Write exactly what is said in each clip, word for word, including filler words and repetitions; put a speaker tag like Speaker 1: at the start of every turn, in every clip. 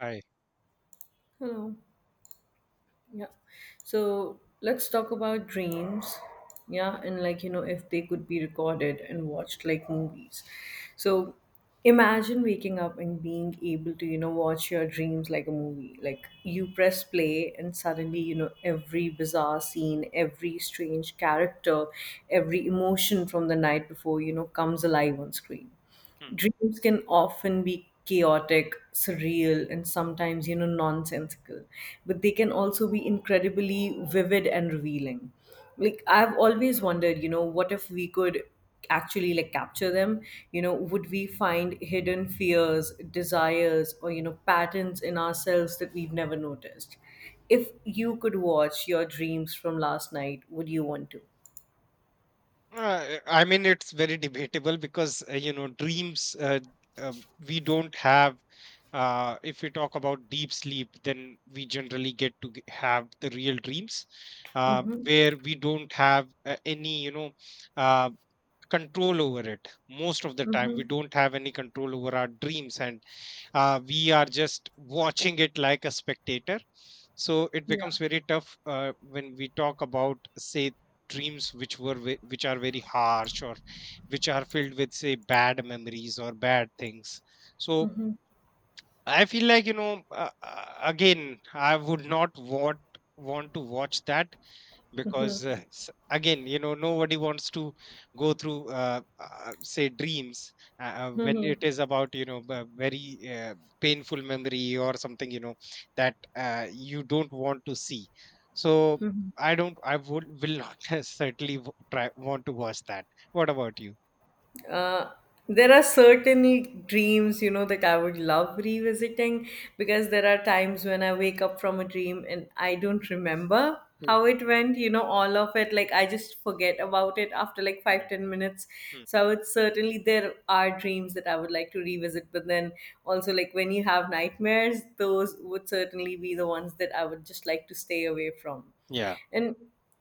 Speaker 1: I
Speaker 2: Hello. Yeah. So let's talk about dreams. Yeah. And like, you know, if they could be recorded and watched like movies. So imagine waking up and being able to, you know, watch your dreams like a movie. Like you press play and suddenly, you know, every bizarre scene, every strange character, every emotion from the night before, you know, comes alive on screen.
Speaker 1: Hmm.
Speaker 2: Dreams can often be chaotic, surreal, and sometimes, you know, nonsensical, but they can also be incredibly vivid and revealing. Like, I've always wondered, you know, what if we could actually like capture them. You know would we find hidden fears, desires, or you know patterns in ourselves that we've never noticed? If you could watch your dreams from last night, would you want to?
Speaker 1: Uh, I mean, it's very debatable because uh, you know, dreams, uh, uh, we don't have. Uh, if we talk about deep sleep, then we generally get to g- have the real dreams, uh,
Speaker 2: Mm-hmm.
Speaker 1: where we don't have uh, any, you know uh, control over it. Most of the time,
Speaker 2: Mm-hmm.
Speaker 1: we don't have any control over our dreams, and uh, we are just watching it like a spectator. So it
Speaker 2: Yeah.
Speaker 1: becomes very tough uh, when we talk about, say, dreams which were ve- which are very harsh, or which are filled with, say, bad memories or bad things. So I feel like, you know uh, uh, again, I would not want want to watch that, because uh, s- again, you know, nobody wants to go through, uh, uh, say, dreams, uh, uh, when it is about, you know b- very uh, painful memory or something, you know, that uh, you don't want to see. So I don't I would will not certainly w- try want to watch that. What about you?
Speaker 2: Uh, there are certain dreams, you know, that I would love revisiting, because there are times when I wake up from a dream and I don't remember
Speaker 1: Mm.
Speaker 2: how it went, you know, all of it. Like, I just forget about it after like five,
Speaker 1: Mm.
Speaker 2: ten minutes.
Speaker 1: Mm.
Speaker 2: So I would certainly, there are dreams that I would like to revisit. But then also, like when you have nightmares, those would certainly be the ones that I would just like to stay away from.
Speaker 1: Yeah.
Speaker 2: And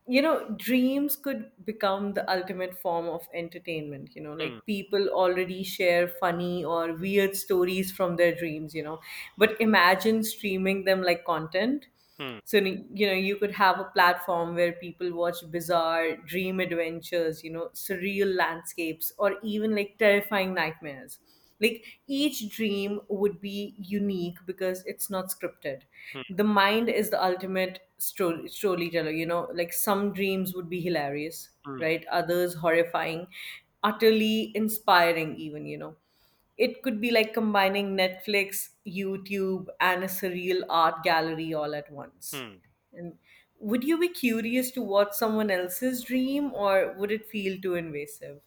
Speaker 2: you know dreams could become the ultimate form of entertainment. You know like,
Speaker 1: Mm.
Speaker 2: people already share funny or weird stories from their dreams you know
Speaker 1: Mm.
Speaker 2: But imagine streaming them like content.
Speaker 1: Mm.
Speaker 2: So you know you could have a platform where people watch bizarre dream adventures, you know surreal landscapes, or even like terrifying nightmares. Like, each dream would be unique because it's not scripted.
Speaker 1: Mm.
Speaker 2: The mind is the ultimate story storyteller. You know like, some dreams would be hilarious,
Speaker 1: Mm.
Speaker 2: right, others horrifying, utterly inspiring even you know It could be like combining Netflix, YouTube, and a surreal art gallery all at once.
Speaker 1: Mm.
Speaker 2: And would you be curious to watch someone else's dream, or would it feel too invasive?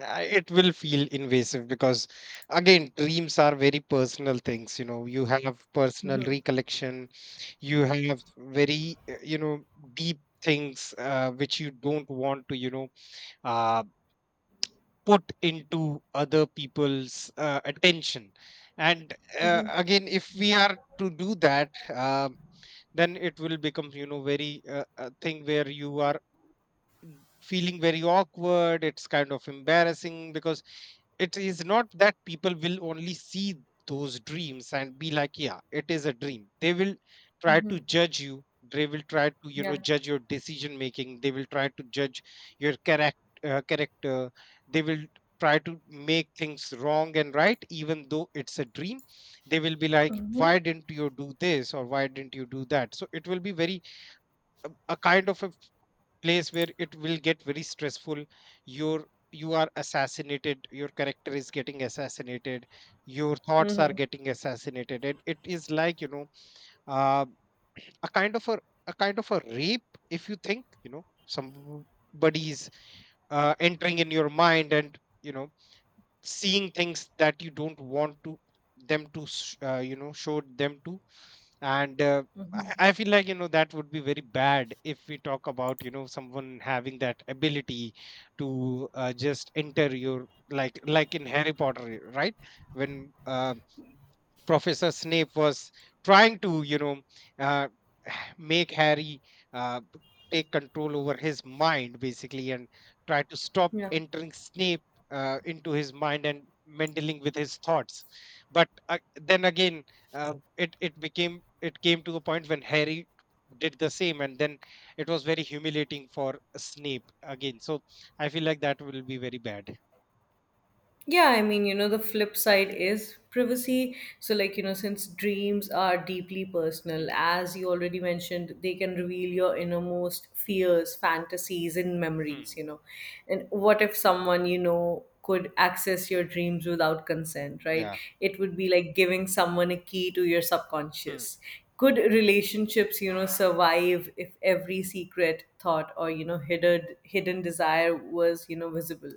Speaker 1: I- It will feel invasive because, again, dreams are very personal things. You know, you have personal
Speaker 2: Mm-hmm.
Speaker 1: recollection. You have very uh, you know deep things, uh, which you don't want to, you know uh, put into other people's uh, attention. And uh, again, if we are to do that, uh, then it will become, you know, very uh, a thing where you are feeling very awkward. It's kind of embarrassing because it is not that people will only see those dreams and be like, yeah, it is a dream. They will try
Speaker 2: Mm-hmm.
Speaker 1: to judge you. They will try to, you know,
Speaker 2: Yeah.
Speaker 1: judge your decision making. They will try to judge your character uh, character. They will try to make things wrong and right, even though it's a dream. They will be like, why didn't you do this, or why didn't you do that? So it will be very, a a kind of a place where it will get very stressful. Your you are assassinated. Your character is getting assassinated. Your thoughts are
Speaker 2: Mm-hmm.
Speaker 1: getting assassinated, and it is like, you know uh, a kind of a, a kind of a rape, if you think, you know, somebody's uh, entering in your mind, and, you know, seeing things that you don't want to them to sh- uh, you know, show them to. And uh, I I feel like, you know, that would be very bad if we talk about, you know, someone having that ability to uh, just enter your, like like in Harry Potter, right? When uh, Professor Snape was trying to, you know, uh, make Harry uh, b- take control over his mind, basically, and try to stop
Speaker 2: Yeah.
Speaker 1: entering Snape uh, into his mind and meddling with his thoughts. But uh, then again, uh, it it became it came to a point when Harry did the same, and then it was very humiliating for Snape again. So I feel like that will be very bad.
Speaker 2: Yeah, I mean, you know, the flip side is privacy. So, like, you know, since dreams are deeply personal,
Speaker 1: Hmm.
Speaker 2: as you already mentioned, they can reveal your innermost fears, fantasies, and memories,
Speaker 1: Hmm.
Speaker 2: you know. And what if someone, you know, could access your dreams without consent, right?
Speaker 1: Yeah.
Speaker 2: It would be like giving someone a key to your
Speaker 1: Hmm.
Speaker 2: subconscious. Could relationships you know survive if every secret thought or you know hidden hidden desire was you know visible?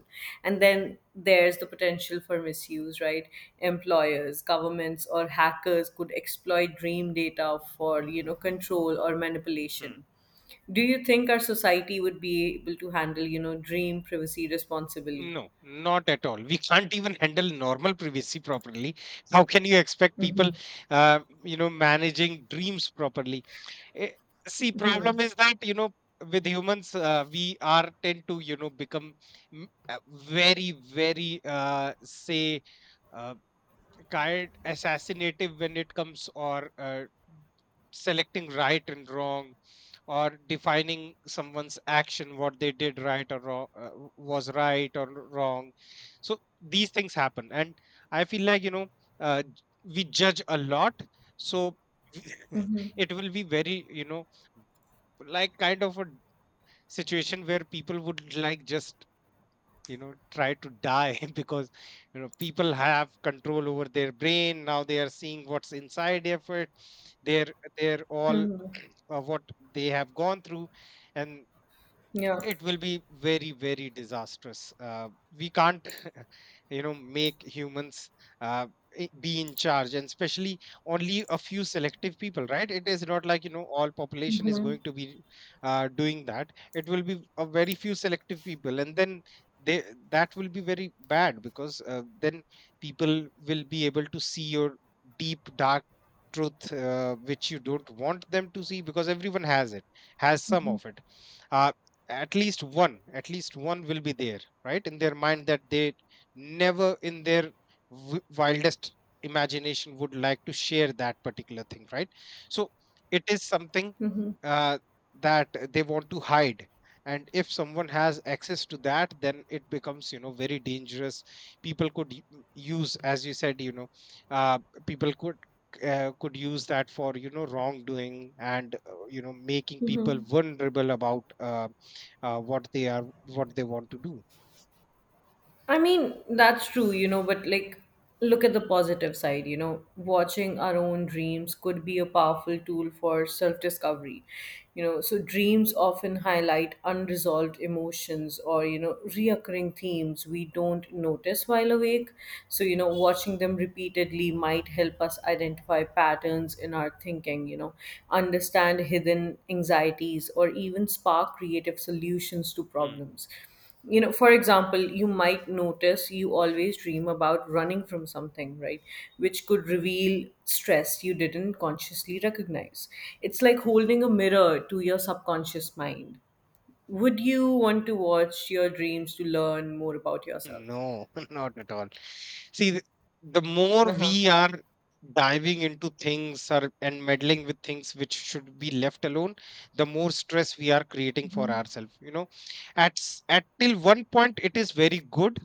Speaker 2: And then there's the potential for misuse, right? Employers, governments, or hackers could exploit dream data for you know control or manipulation. Do you think our society would be able to handle you know dream privacy responsibly?
Speaker 1: No, not at all. We can't even handle normal privacy properly. How can you expect people, uh, you know, managing dreams properly? Eh. See, problem is that, you know, with humans, uh, we are tend to, you know, become, mm, uh, very, very, uh, say, uh, guide assassinative when it comes, or uh, selecting right and wrong, or defining someone's action, what they did right or wrong, uh, was right or wrong. So these things happen, and I feel like, you know, uh, j- we judge a lot. So, it will be very, you know, like, kind of a situation where people would like just, you know, try to die because, you know, people have control over their brain. Now they are seeing what's inside effort. They're they're all
Speaker 2: Hmm.
Speaker 1: uh, what they have gone through. And
Speaker 2: Yeah.
Speaker 1: it will be very, very disastrous. Uh, we can't you know, make humans, uh, i- be in charge, and especially only a few selective people, right? It is not like, you know, all population is going to be uh, doing that. It will be a very few selective people, and then they that will be very bad, because uh, then people will be able to see your deep dark truth, uh, which you don't want them to see, because everyone has it, has some
Speaker 2: Hmm.
Speaker 1: of it. uh, at least one, at least one will be there, right, in their mind, that they never, in their w- wildest imagination, would like to share that particular thing, right? So it is something, uh, that they want to hide. And if someone has access to that, then it becomes, you know, very dangerous. People could u- use, as you said, you know, uh, people could uh, could use that for, you know, wrongdoing, and uh, you know, making people
Speaker 2: Hmm.
Speaker 1: vulnerable about, uh, uh, what they are what they want to do.
Speaker 2: I mean, that's true, you know, but like, look at the positive side, you know, watching our own dreams could be a powerful tool for self discovery, you know. So, dreams often highlight unresolved emotions or, you know, reoccurring themes we don't notice while awake. So, you know, watching them repeatedly might help us identify patterns in our thinking, you know, understand hidden anxieties or even spark creative solutions to
Speaker 1: Hmm.
Speaker 2: problems. You know for example, you might notice you always dream about running from something, right? Which could reveal stress you didn't consciously recognize. It's like holding a mirror to your subconscious mind. Would you want to watch your dreams to learn more about yourself?
Speaker 1: No, not at all. See th- the more
Speaker 2: Uh-huh.
Speaker 1: we are diving into things, or, and meddling with things which should be left alone, the more stress we are creating for
Speaker 2: Mm-hmm.
Speaker 1: ourselves, you know. At s- at till one point it is very good,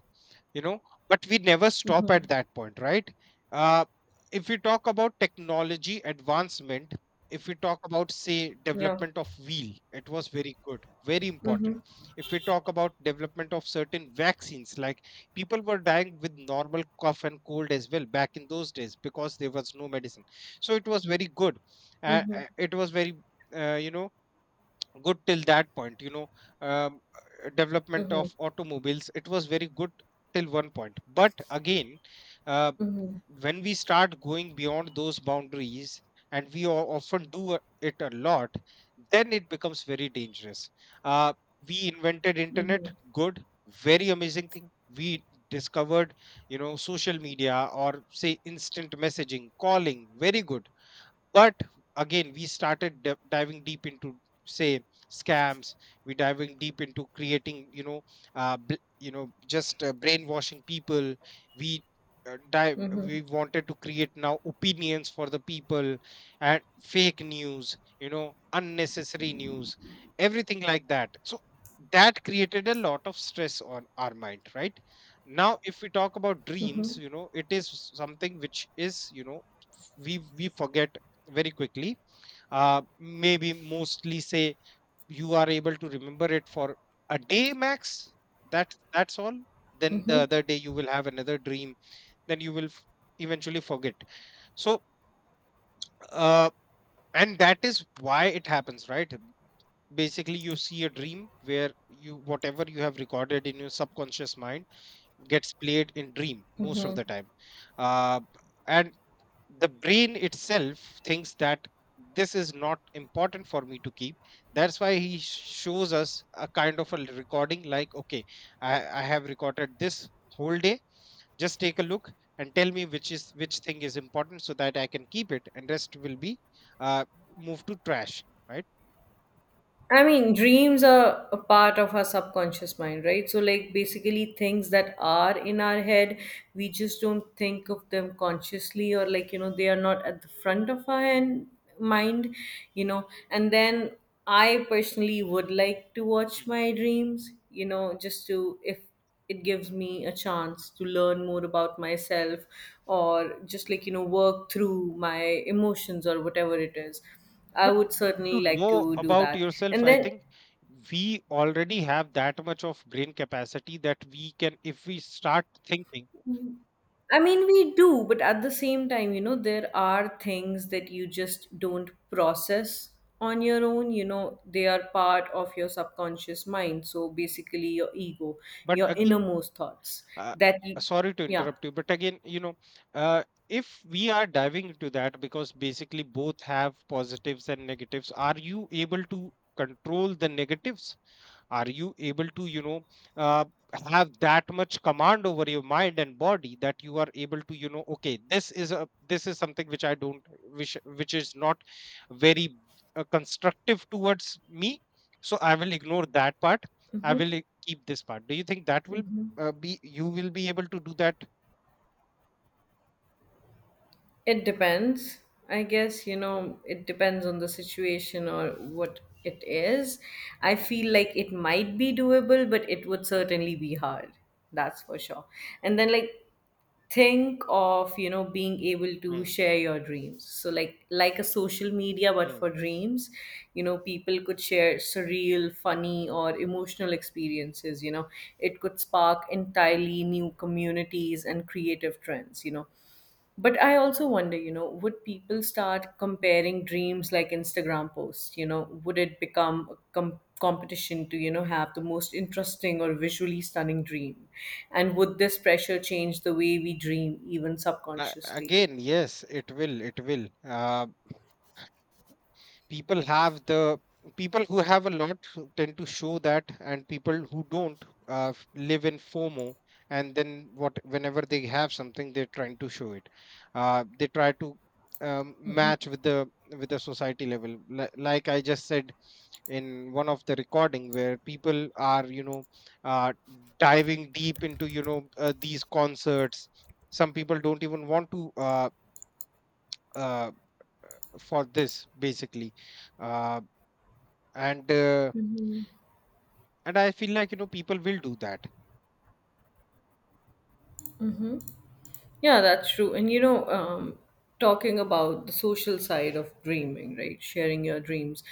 Speaker 1: you know, but we never stop
Speaker 2: Mm-hmm.
Speaker 1: at that point, right? uh, if we talk about technology advancement, if we talk about, say,
Speaker 2: Yeah.
Speaker 1: development of wheel, it was very good, very
Speaker 2: Mm-hmm.
Speaker 1: important. If we talk about development of certain vaccines, like, people were dying with normal cough and cold as well back in those days, because there was no medicine. So it was very good. Uh,
Speaker 2: Mm-hmm.
Speaker 1: uh, it was very uh, you know good till that point, you know. um, uh, Development
Speaker 2: Mm-hmm.
Speaker 1: of automobiles, it was very good till one point, but again, uh,
Speaker 2: Mm-hmm.
Speaker 1: when we start going beyond those boundaries, and we o- often do a- it a lot, then it becomes very dangerous. uh, we invented internet. Good. Very amazing thing. We discovered, you know, social media, or say, instant messaging, calling. Very good. But again, we started d- diving deep into, say, scams. We diving deep into creating, you know, uh, bl- you know, just uh, brainwashing people. we uh, dive
Speaker 2: Mm-hmm.
Speaker 1: we wanted to create now opinions for the people, and fake news, you know, unnecessary news, everything like that. So that created a lot of stress on our mind, right? Now if we talk about dreams, you know, it is something which is, you know, we we forget very quickly. Uh maybe, mostly, say, you are able to remember it for a day max. That's that's all. Then the other day you will have another dream, then you will f- eventually forget. So uh and that is why it happens, right? Basically, you see a dream where, you whatever you have recorded in your subconscious mind, gets played in dream most of the time. uh and the brain itself thinks that this is not important for me to keep. That's why he shows us a kind of a recording, like, okay, i i have recorded this whole day. Just take a look and tell me which is, which thing is important, so that I can keep it, and rest will be uh moved to trash, right?
Speaker 2: I mean, dreams are a part of our subconscious mind, right? So, like, basically, things that are in our head, we just don't think of them consciously, or like, you know, they are not at the front of our hand, mind, you know. And then I personally would like to watch my dreams, you know, just to, if it gives me a chance to learn more about myself, or just like you know work through my emotions or whatever it is. I
Speaker 1: But
Speaker 2: would
Speaker 1: to
Speaker 2: certainly like
Speaker 1: know
Speaker 2: to do
Speaker 1: about
Speaker 2: that.
Speaker 1: yourself,
Speaker 2: And
Speaker 1: I
Speaker 2: then,
Speaker 1: think we already have that much of brain capacity that we can, if we start thinking.
Speaker 2: I mean, we do, but at the same time, you know there are things that you just don't process on your own. You know they are part of your subconscious mind, so basically your ego,
Speaker 1: But
Speaker 2: your
Speaker 1: again,
Speaker 2: innermost thoughts
Speaker 1: uh,
Speaker 2: that you,
Speaker 1: uh, sorry to
Speaker 2: Yeah.
Speaker 1: interrupt you, but again, you know, uh, if we are diving into that, because basically both have positives and negatives, are you able to control the negatives? Are you able to, you know, uh, have that much command over your mind and body that you are able to, you know, okay, this is, a this is something which I don't which which is not very, uh, constructive towards me, so I will ignore that part. I
Speaker 2: Hmm.
Speaker 1: will i- keep this part. Do you think that will,
Speaker 2: Hmm.
Speaker 1: uh, be you will be able to do that?
Speaker 2: It depends. I guess, you know, it depends on the situation or what it is. I feel like it might be doable, but it would
Speaker 1: Mm.
Speaker 2: certainly be hard. That's for sure. And then, like, think of you know being able to
Speaker 1: Mm.
Speaker 2: share your dreams, so like like a social media but for
Speaker 1: Mm.
Speaker 2: dreams. You know people could share surreal, funny, or emotional experiences you know It could spark entirely new communities and creative trends you know But I also wonder, you know, would people start comparing dreams like Instagram posts? You know, would it become a com- competition to, you know, have the most interesting or visually stunning dream? And would this pressure change the way we dream, even
Speaker 1: Uh,
Speaker 2: subconsciously?
Speaker 1: again, yes, it will it will. Uh, people have the People who have a lot who tend to show that, and people who don't uh, f- live in fomo, and then, what whenever they have something, they're trying to show it. Uh, they try to, um, match with the with the society level. Li- like I just said, in one of the recording where people are, you know, uh, diving deep into, you know, uh, these concerts. Some people don't even want to, uh, uh, for this basically, uh, and uh, and I feel like, you know, people will do that.
Speaker 2: Yeah, that's true. And you know, um, talking about the social side of dreaming, right? Sharing your dreams,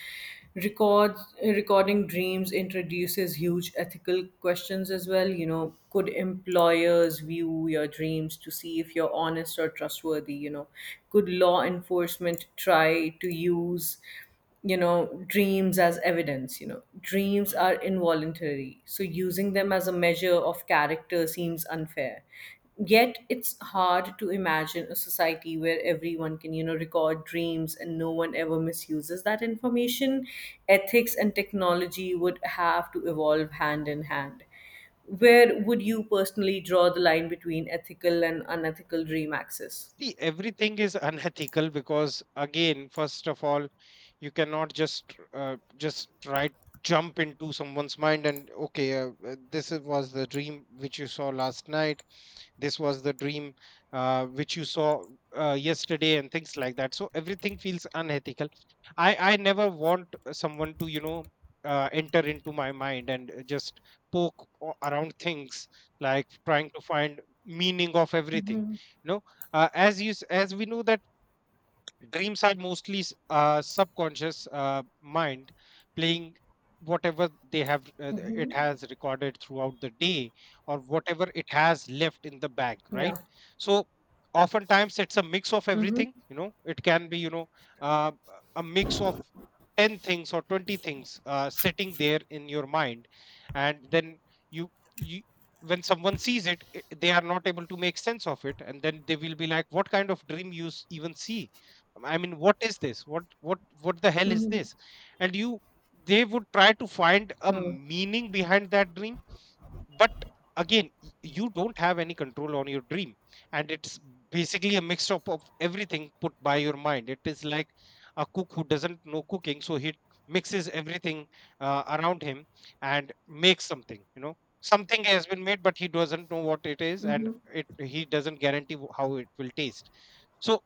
Speaker 2: records, recording dreams introduces huge ethical questions as well. You know, could employers view your dreams to see if you're honest or trustworthy? You know, could law enforcement try to use you know dreams as evidence? You know dreams
Speaker 1: Mm.
Speaker 2: are involuntary, so using them as a measure of character seems unfair. Yet it's hard to imagine a society where everyone can you know record dreams and no one ever misuses that information. Ethics and technology would have to evolve hand in hand. Where would you personally draw the line between ethical and unethical dream access?
Speaker 1: See, everything is unethical because, again, first of all, you cannot just uh, just try jump into someone's mind and, okay, uh, uh, this is- was the dream which you saw last night. This was the dream uh, which you saw uh, yesterday and things like that, so everything feels unethical. I i never want someone to you know uh, enter into my mind and uh, just poke o- around things like trying to find meaning of everything, you know. Uh, as you s- as we know that dreams are mostly s- uh, subconscious uh, mind playing whatever they have uh, th- it has recorded throughout the day, or whatever it has left in the bank,
Speaker 2: Yeah.
Speaker 1: right? So oftentimes it's a mix of everything,
Speaker 2: Mm-hmm.
Speaker 1: you know. It can be, you know, uh, a mix of ten things or twenty things uh, sitting there in your mind, and then you you when someone sees it, i- they are not able to make sense of it, and then they will be like, what kind of dream you s- even see? I mean, what is this? What what what the hell is
Speaker 2: Mm-hmm.
Speaker 1: this? And you they would try to find a meaning behind that dream, but again, y- you don't have any control on your dream, and it's basically a mix up of everything put by your mind. It is like a cook who doesn't know cooking, so he mixes everything uh, around him and makes something. You know, something has been made, but he doesn't know what it is, and it he doesn't guarantee wh- how it will taste. So,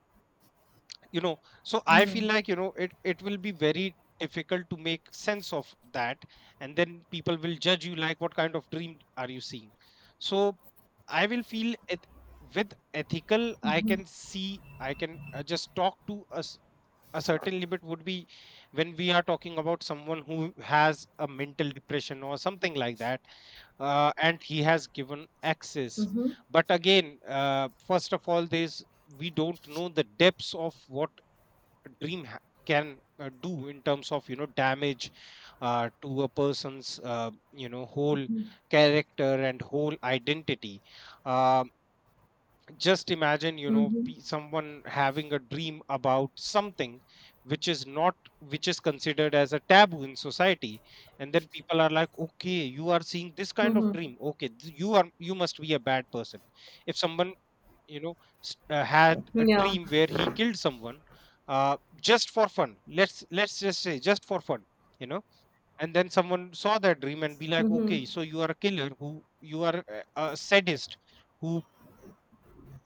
Speaker 1: you know, so I feel like, you know, it it will be very difficult to make sense of that, and then people will judge you like, what kind of dream are you seeing? So I will feel it. With ethical, I can see, I can uh, just talk to us. A certain limit would be when we are talking about someone who has a mental depression or something like that, uh, and he has given access. But again, uh, first of all, there's, we don't know the depths of what dream ha- can uh, do in terms of, you know, damage uh, to a person's, uh, you know, whole character and whole identity. uh, just imagine, you know,
Speaker 2: Mm-hmm.
Speaker 1: pe- someone having a dream about something which is not, which is considered as a taboo in society, and then people are like, okay, you are seeing this kind of
Speaker 2: Mm-hmm.
Speaker 1: dream, okay, th- you are, you must be a bad person. If someone, you know, s- uh, had a
Speaker 2: Yeah,
Speaker 1: dream where he killed someone, uh, just for fun, let's let's just say just for fun, you know, and then someone saw that dream and be like, okay, so you are a killer, who, you are a, a sadist who,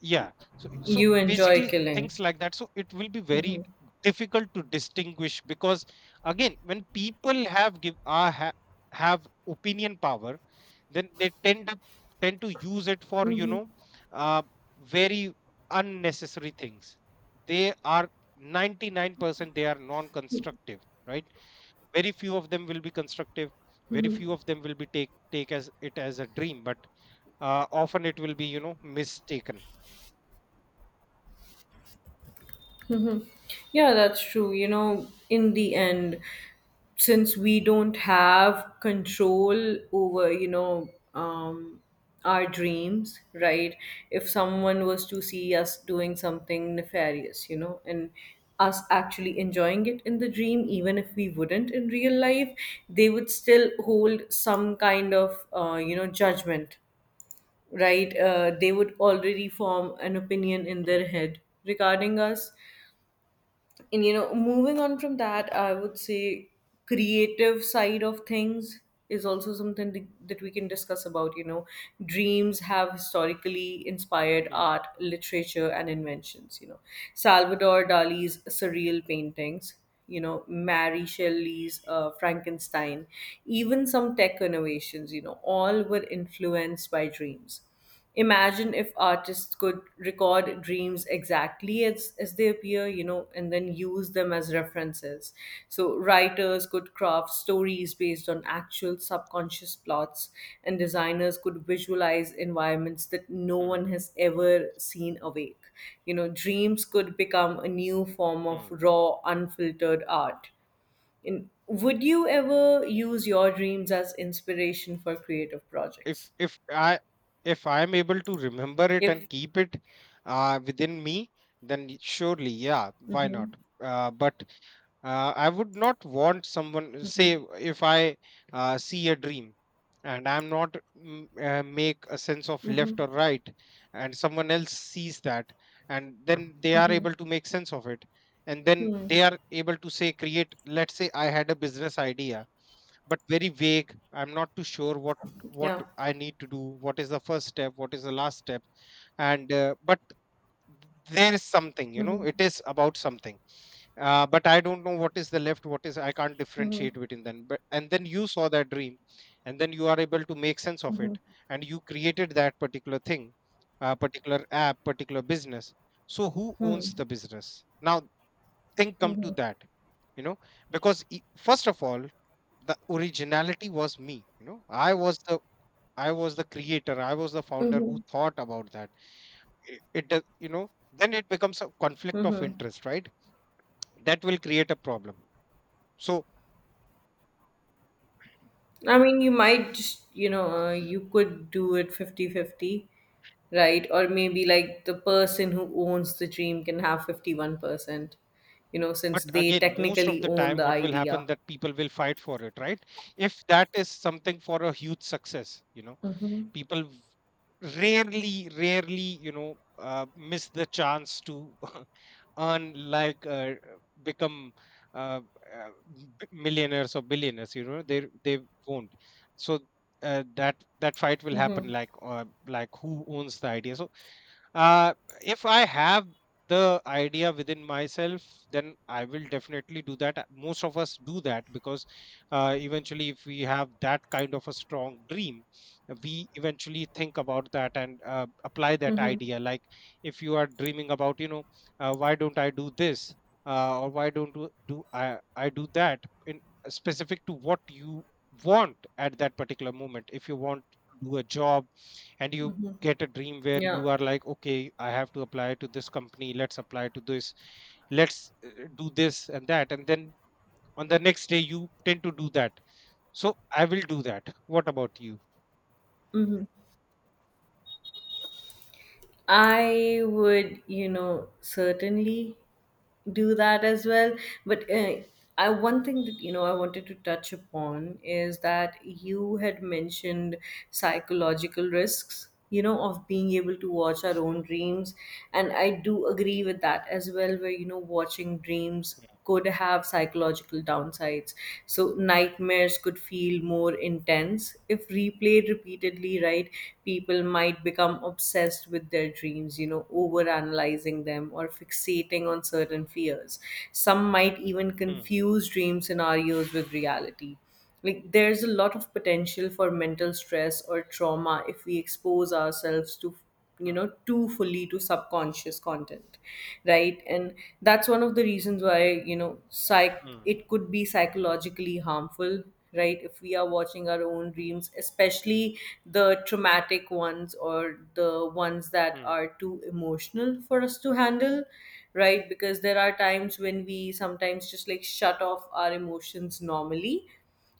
Speaker 1: yeah. So so
Speaker 2: you enjoy
Speaker 1: basically
Speaker 2: killing.
Speaker 1: things like that, so it will be very difficult to distinguish, because again, when people have give are ha, have opinion power, then they tend to tend to use it for, you know, uh, very unnecessary things. They are ninety-nine percent, they are non constructive, right? Very few of them will be constructive, very few of them will be take take as it as a dream, but uh, often it will be, you know, mistaken.
Speaker 2: Yeah, that's true. You know, in the end, since we don't have control over, you know, um, our dreams, right? If someone was to see us doing something nefarious, you know, and us actually enjoying it in the dream, even if we wouldn't in real life, they would still hold some kind of, uh, you know, judgment, right? Uh, they would already form an opinion in their
Speaker 1: Hmm,
Speaker 2: head regarding us. And you know moving on from that, I would say, creative side of things is also something th- that we can discuss about you know Dreams have historically inspired
Speaker 1: hmm,
Speaker 2: art, literature, and inventions you know Salvador Dali's surreal paintings, you know Mary
Speaker 1: hmm,
Speaker 2: Shelley's uh, Frankenstein, even some tech innovations, you know all were influenced by dreams. Imagine if artists could record dreams exactly as, as they appear, you know, and then use them as references. So, writers could craft stories based on actual subconscious plots, and designers could visualize environments that no
Speaker 1: hmm,
Speaker 2: one has ever seen awake. You know, dreams could become a new form of
Speaker 1: hmm.
Speaker 2: raw, unfiltered art. And would you ever use your dreams as inspiration for creative
Speaker 1: if
Speaker 2: projects?
Speaker 1: if i if I am able to remember it
Speaker 2: If
Speaker 1: and keep it uh, within me, then surely, yeah, why not?
Speaker 2: Mhm.
Speaker 1: Uh, but uh, I would not want someone, say if I uh, see a dream, and I'm not mm, uh, make a sense of left or right, and someone else sees that, and then they are able to make sense of it, and then they are able to say create. Let's say I had a business idea, but very vague. I'm not too sure what what
Speaker 2: Yeah.
Speaker 1: I need to do. What is the first step? What is the last step? And uh, but there is something, you know,
Speaker 2: Mhm.
Speaker 1: it is about something, uh, but I don't know what is the left, what is, I can't differentiate between them. But and then you saw that dream, and then you are able to make sense of it, and you created that particular thing, uh, particular app, particular business. So who owns the business now? Think, come to that, you know, because e- first of all, the originality was me. You know, i was the i was the creator, I was the founder who
Speaker 2: Mhm.
Speaker 1: thought about that. It, it does- you know then it becomes a conflict of
Speaker 2: Mhm.
Speaker 1: interest, right? That will create a problem. So,
Speaker 2: I mean, you might just, you know, uh, you could do it fifty-fifty, right? Or maybe like the person who owns the dream can have fifty-one percent, you know,
Speaker 1: but
Speaker 2: since they
Speaker 1: again, most of
Speaker 2: technically
Speaker 1: the
Speaker 2: own
Speaker 1: time,
Speaker 2: the
Speaker 1: what will
Speaker 2: idea.
Speaker 1: happen that people will fight for it, right? If that is something for a huge success, you know,
Speaker 2: Mm-hmm.
Speaker 1: people v- rarely, rarely, you know, uh, miss the chance to earn, like, uh, become uh, uh, b- millionaires or billionaires. You know, they they won't. So uh, that that fight will happen, like, uh, like who owns the idea. So uh, if I have the idea within myself, then I will definitely do that. Uh, Most of us do that because uh, eventually, if we have that kind of a strong dream, uh, we eventually think about that and uh, apply that idea. Like, if you are dreaming about, you know, uh, why don't I do this, uh, or why don't do, do I, I do that, in specific to what you want at that particular moment. If you want to do a job, and you get a dream where
Speaker 2: Yeah.
Speaker 1: you are like, okay, I have to apply to this company, let's apply to this, let's uh, do this and that, and then on the next day you tend to do that. So I will do that. What about you?
Speaker 2: Hmm. I would, you know, certainly do that as well. But uh, I one thing that you know I wanted to touch upon is that you had mentioned psychological risks, you know, of being able to watch our own dreams, and I do agree with that as well. Where you know watching dreams could have psychological downsides. So nightmares could feel more intense. If replayed repeatedly, right, people might become obsessed with their dreams, you know, overanalyzing them or fixating on certain fears. Some might even
Speaker 1: Hmm,
Speaker 2: confuse dream scenarios with reality. Like, there's a lot of potential for mental stress or trauma if we expose ourselves to you
Speaker 1: hmm,
Speaker 2: know too fully to subconscious content, right, and that's one of the reasons why you know psych
Speaker 1: hmm,
Speaker 2: it could be psychologically harmful, right, if we are watching our own dreams, especially the traumatic ones or the ones that
Speaker 1: hmm,
Speaker 2: are too emotional for us to handle, right, because there are times when we sometimes just like shut off our emotions normally.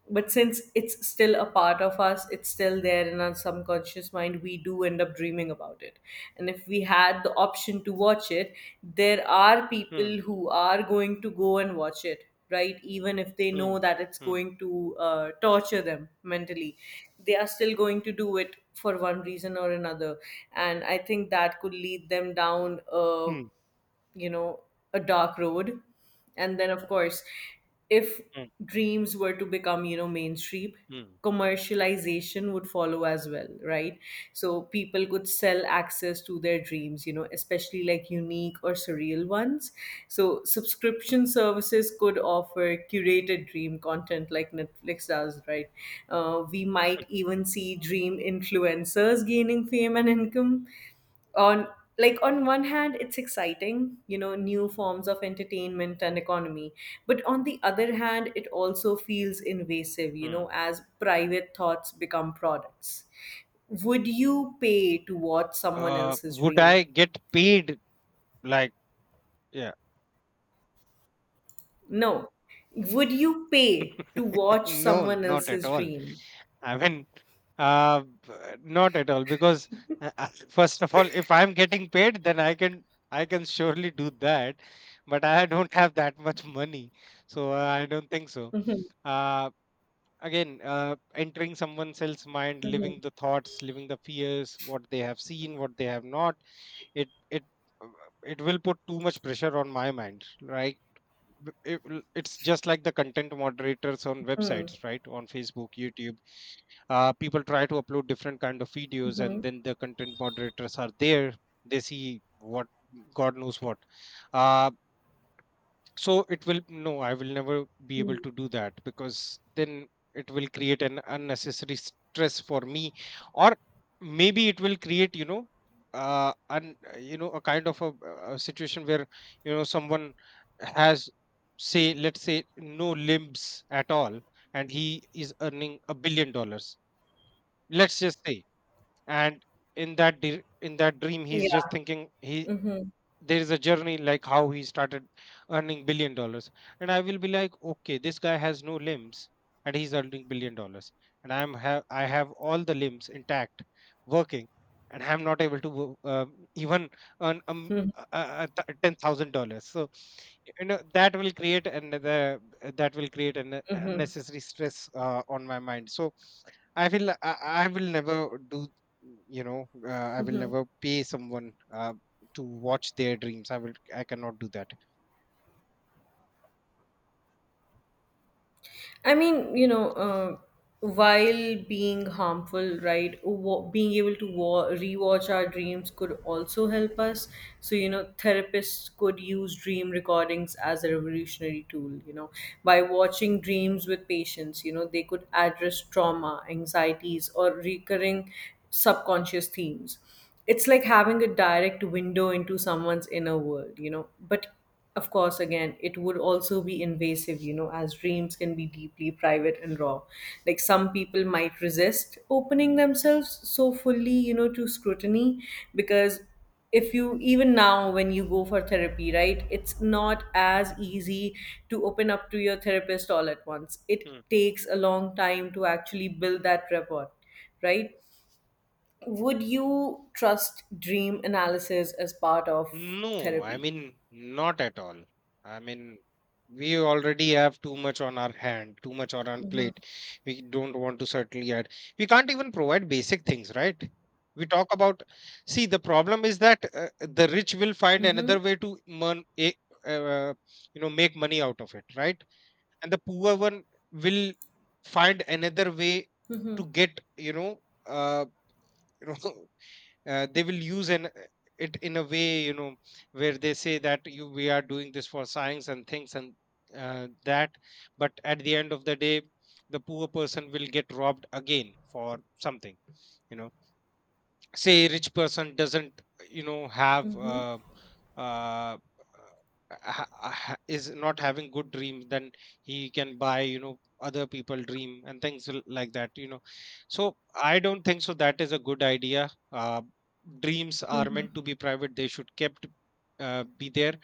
Speaker 2: But since it's still a part of us, it's still there in our subconscious mind, we do end up dreaming about it. And if we had the option to watch it, there are
Speaker 1: hmm,
Speaker 2: people who are going to go and watch it, right, even if they know
Speaker 1: hmm,
Speaker 2: that it's
Speaker 1: hmm,
Speaker 2: going to uh, torture them mentally. They are still going to do it for one reason or another. And I think that could lead them down uh,
Speaker 1: hmm,
Speaker 2: you know a dark road. And then of course, if
Speaker 1: hmm,
Speaker 2: dreams were to become you know mainstream,
Speaker 1: hmm,
Speaker 2: commercialization would follow as well, right? So people could sell access to their dreams, you know especially like unique or surreal ones. So subscription services could offer curated dream content like Netflix does, right? Uh, we might even see dream influencers gaining fame and income on like on one hand it's exciting, you know new forms of entertainment and economy. But on the other hand, it also feels invasive, you know
Speaker 1: hmm.
Speaker 2: as private thoughts become products. Would you pay to watch someone
Speaker 1: Uh
Speaker 2: else's
Speaker 1: would
Speaker 2: dream?
Speaker 1: I get paid? Like, yeah?
Speaker 2: No. Would you pay to watch
Speaker 1: no,
Speaker 2: someone
Speaker 1: not at
Speaker 2: else's
Speaker 1: all.
Speaker 2: dream?
Speaker 1: I mean, uh, b- not at all, because uh, uh, first of all, if I'm getting paid, then I can I can surely do that. But I don't have that much money, so uh, I don't think so.
Speaker 2: Mhm,
Speaker 1: Uh, again, uh, entering someone else's mind,
Speaker 2: mhm,
Speaker 1: living the thoughts, living the fears, what they have seen, what they have not, it it uh, it will put too much pressure on my mind, right? B- it will, it's just like the content moderators on
Speaker 2: mhm,
Speaker 1: websites, right? On Facebook, YouTube, uh, people try to upload different kind of videos, and
Speaker 2: mhm,
Speaker 1: then the content moderators are there. They see what, god knows what. uh, so it will, no, I will never be able
Speaker 2: mhm.
Speaker 1: to do that, because then it will create an unnecessary stress for me, or maybe it will create, you know, uh and you know a kind of a, a situation where, you know, someone has, say, let's say, no limbs at all, and he is earning a billion dollars, let's just say, and in that dir- in that dream, he's just
Speaker 2: Yeah.
Speaker 1: thinking, he,
Speaker 2: Mhm,
Speaker 1: there is a journey, like how he started earning billion dollars. And I will be like, okay, this guy has no limbs and he's earning billion dollars, and I'm, have i have all the limbs intact, working, and I'm not able to wo- uh, even earn um,
Speaker 2: mhm,
Speaker 1: uh, uh, th- ten thousand dollars. So, you know, that will create another, that will create an
Speaker 2: mhm.
Speaker 1: unnecessary stress uh, on my mind. So I will I, I will never do, you know, uh, I will never pay someone uh, to watch their dreams. I will, I cannot do that.
Speaker 2: I mean, you know, uh, while being harmful, right, wa- being able to wa- rewatch our dreams could also help us. So, you know, therapists could use dream recordings as a revolutionary tool, you know, by watching dreams with patients, you know, they could address trauma, anxieties, or recurring subconscious themes. It's like having a direct window into someone's inner world, you know, but of course, again, it would also be invasive, you know, as dreams can be deeply private and raw. Like some people might resist opening themselves so fully, you know, to scrutiny, because if you, even now when you go for therapy, right, it's not as easy to open up to your therapist all at once. It
Speaker 1: Hmm.
Speaker 2: takes a long time to actually build that rapport, right? Would you trust dream analysis as part of
Speaker 1: No, I
Speaker 2: therapy?
Speaker 1: mean, not at all. I mean, we already have too much on our hand, too much on our
Speaker 2: Mm-hmm.
Speaker 1: plate. We don't want to certainly add. We can't even provide basic things, right? We talk about. See, the problem is that uh, the rich will find another way to mon- eh, uh, you know, make money out of it, right? And the poor one will find another way
Speaker 2: Mm-hmm.
Speaker 1: to get, you know, uh, you know, uh, they will use an it in a way, you know, where they say that you, we are doing this for science and things, and uh, that. But at the end of the day, the poor person will get robbed again for something, you know. Say a rich person doesn't, you know, have
Speaker 2: Mm-hmm.
Speaker 1: uh, uh, uh, ha- uh, ha- is not having good dreams, then he can buy, you know, other people dream and things l- like that, you know. So I don't think so that is a good idea. Uh, dreams are
Speaker 2: Mm-hmm.
Speaker 1: meant to be private, they should kept uh, be there.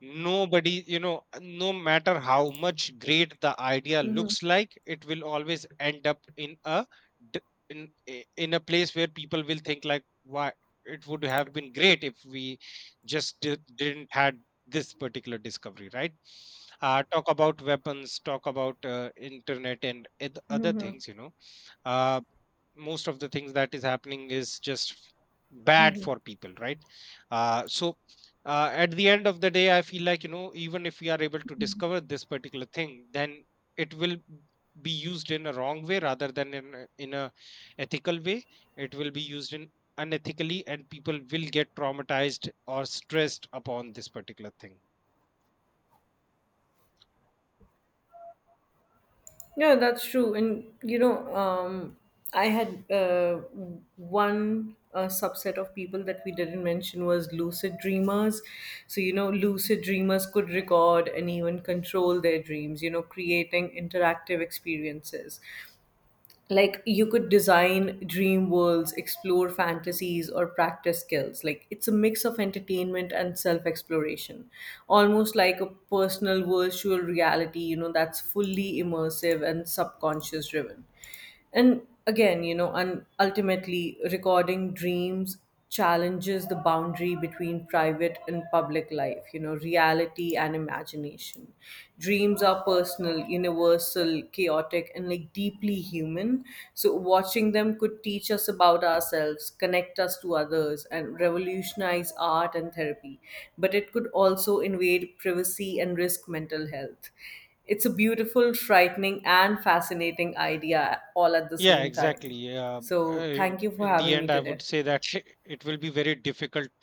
Speaker 1: Nobody, you know, no matter how much great the idea
Speaker 2: Mm-hmm.
Speaker 1: looks like, it will always end up in a d- in i- in a place where people will think like, why, it would have been great if we just did, didn't had this particular discovery, right? Uh, talk about weapons, talk about uh, internet and eth- other things, you know. Uh, most of the things that is happening is just bad for people, right? Uh, so uh, at the end of the day, I feel like, you know, even if we are able to discover this particular thing, then it will be used in a wrong way rather than in a, in a ethical way. It will be used in unethically, and people will get traumatized or stressed upon this particular thing.
Speaker 2: Yeah, that's true. And you know, um, I had, uh, one uh, subset of people that we didn't mention was lucid dreamers. So you know, lucid dreamers could record and even control their dreams. You know, creating interactive experiences. Like, you could design dream worlds, explore fantasies, or practice skills. Like, it's a mix of entertainment and self exploration, almost like a personal virtual reality, you know that's fully immersive and subconscious driven. And again, you know and ultimately, recording dreams challenges the boundary between private and public life, you know, reality and imagination. Dreams are personal,
Speaker 1: Mm.
Speaker 2: universal, chaotic, and like deeply human. So, watching them could teach us about ourselves, connect us to others, and revolutionize art and therapy. But it could also invade privacy and risk mental health. It's a beautiful, frightening, and fascinating idea all at the
Speaker 1: Yeah,
Speaker 2: same time.
Speaker 1: exactly. uh,
Speaker 2: So,
Speaker 1: uh,
Speaker 2: thank you for
Speaker 1: in the
Speaker 2: having me
Speaker 1: end, I
Speaker 2: today.
Speaker 1: would say that it will be very difficult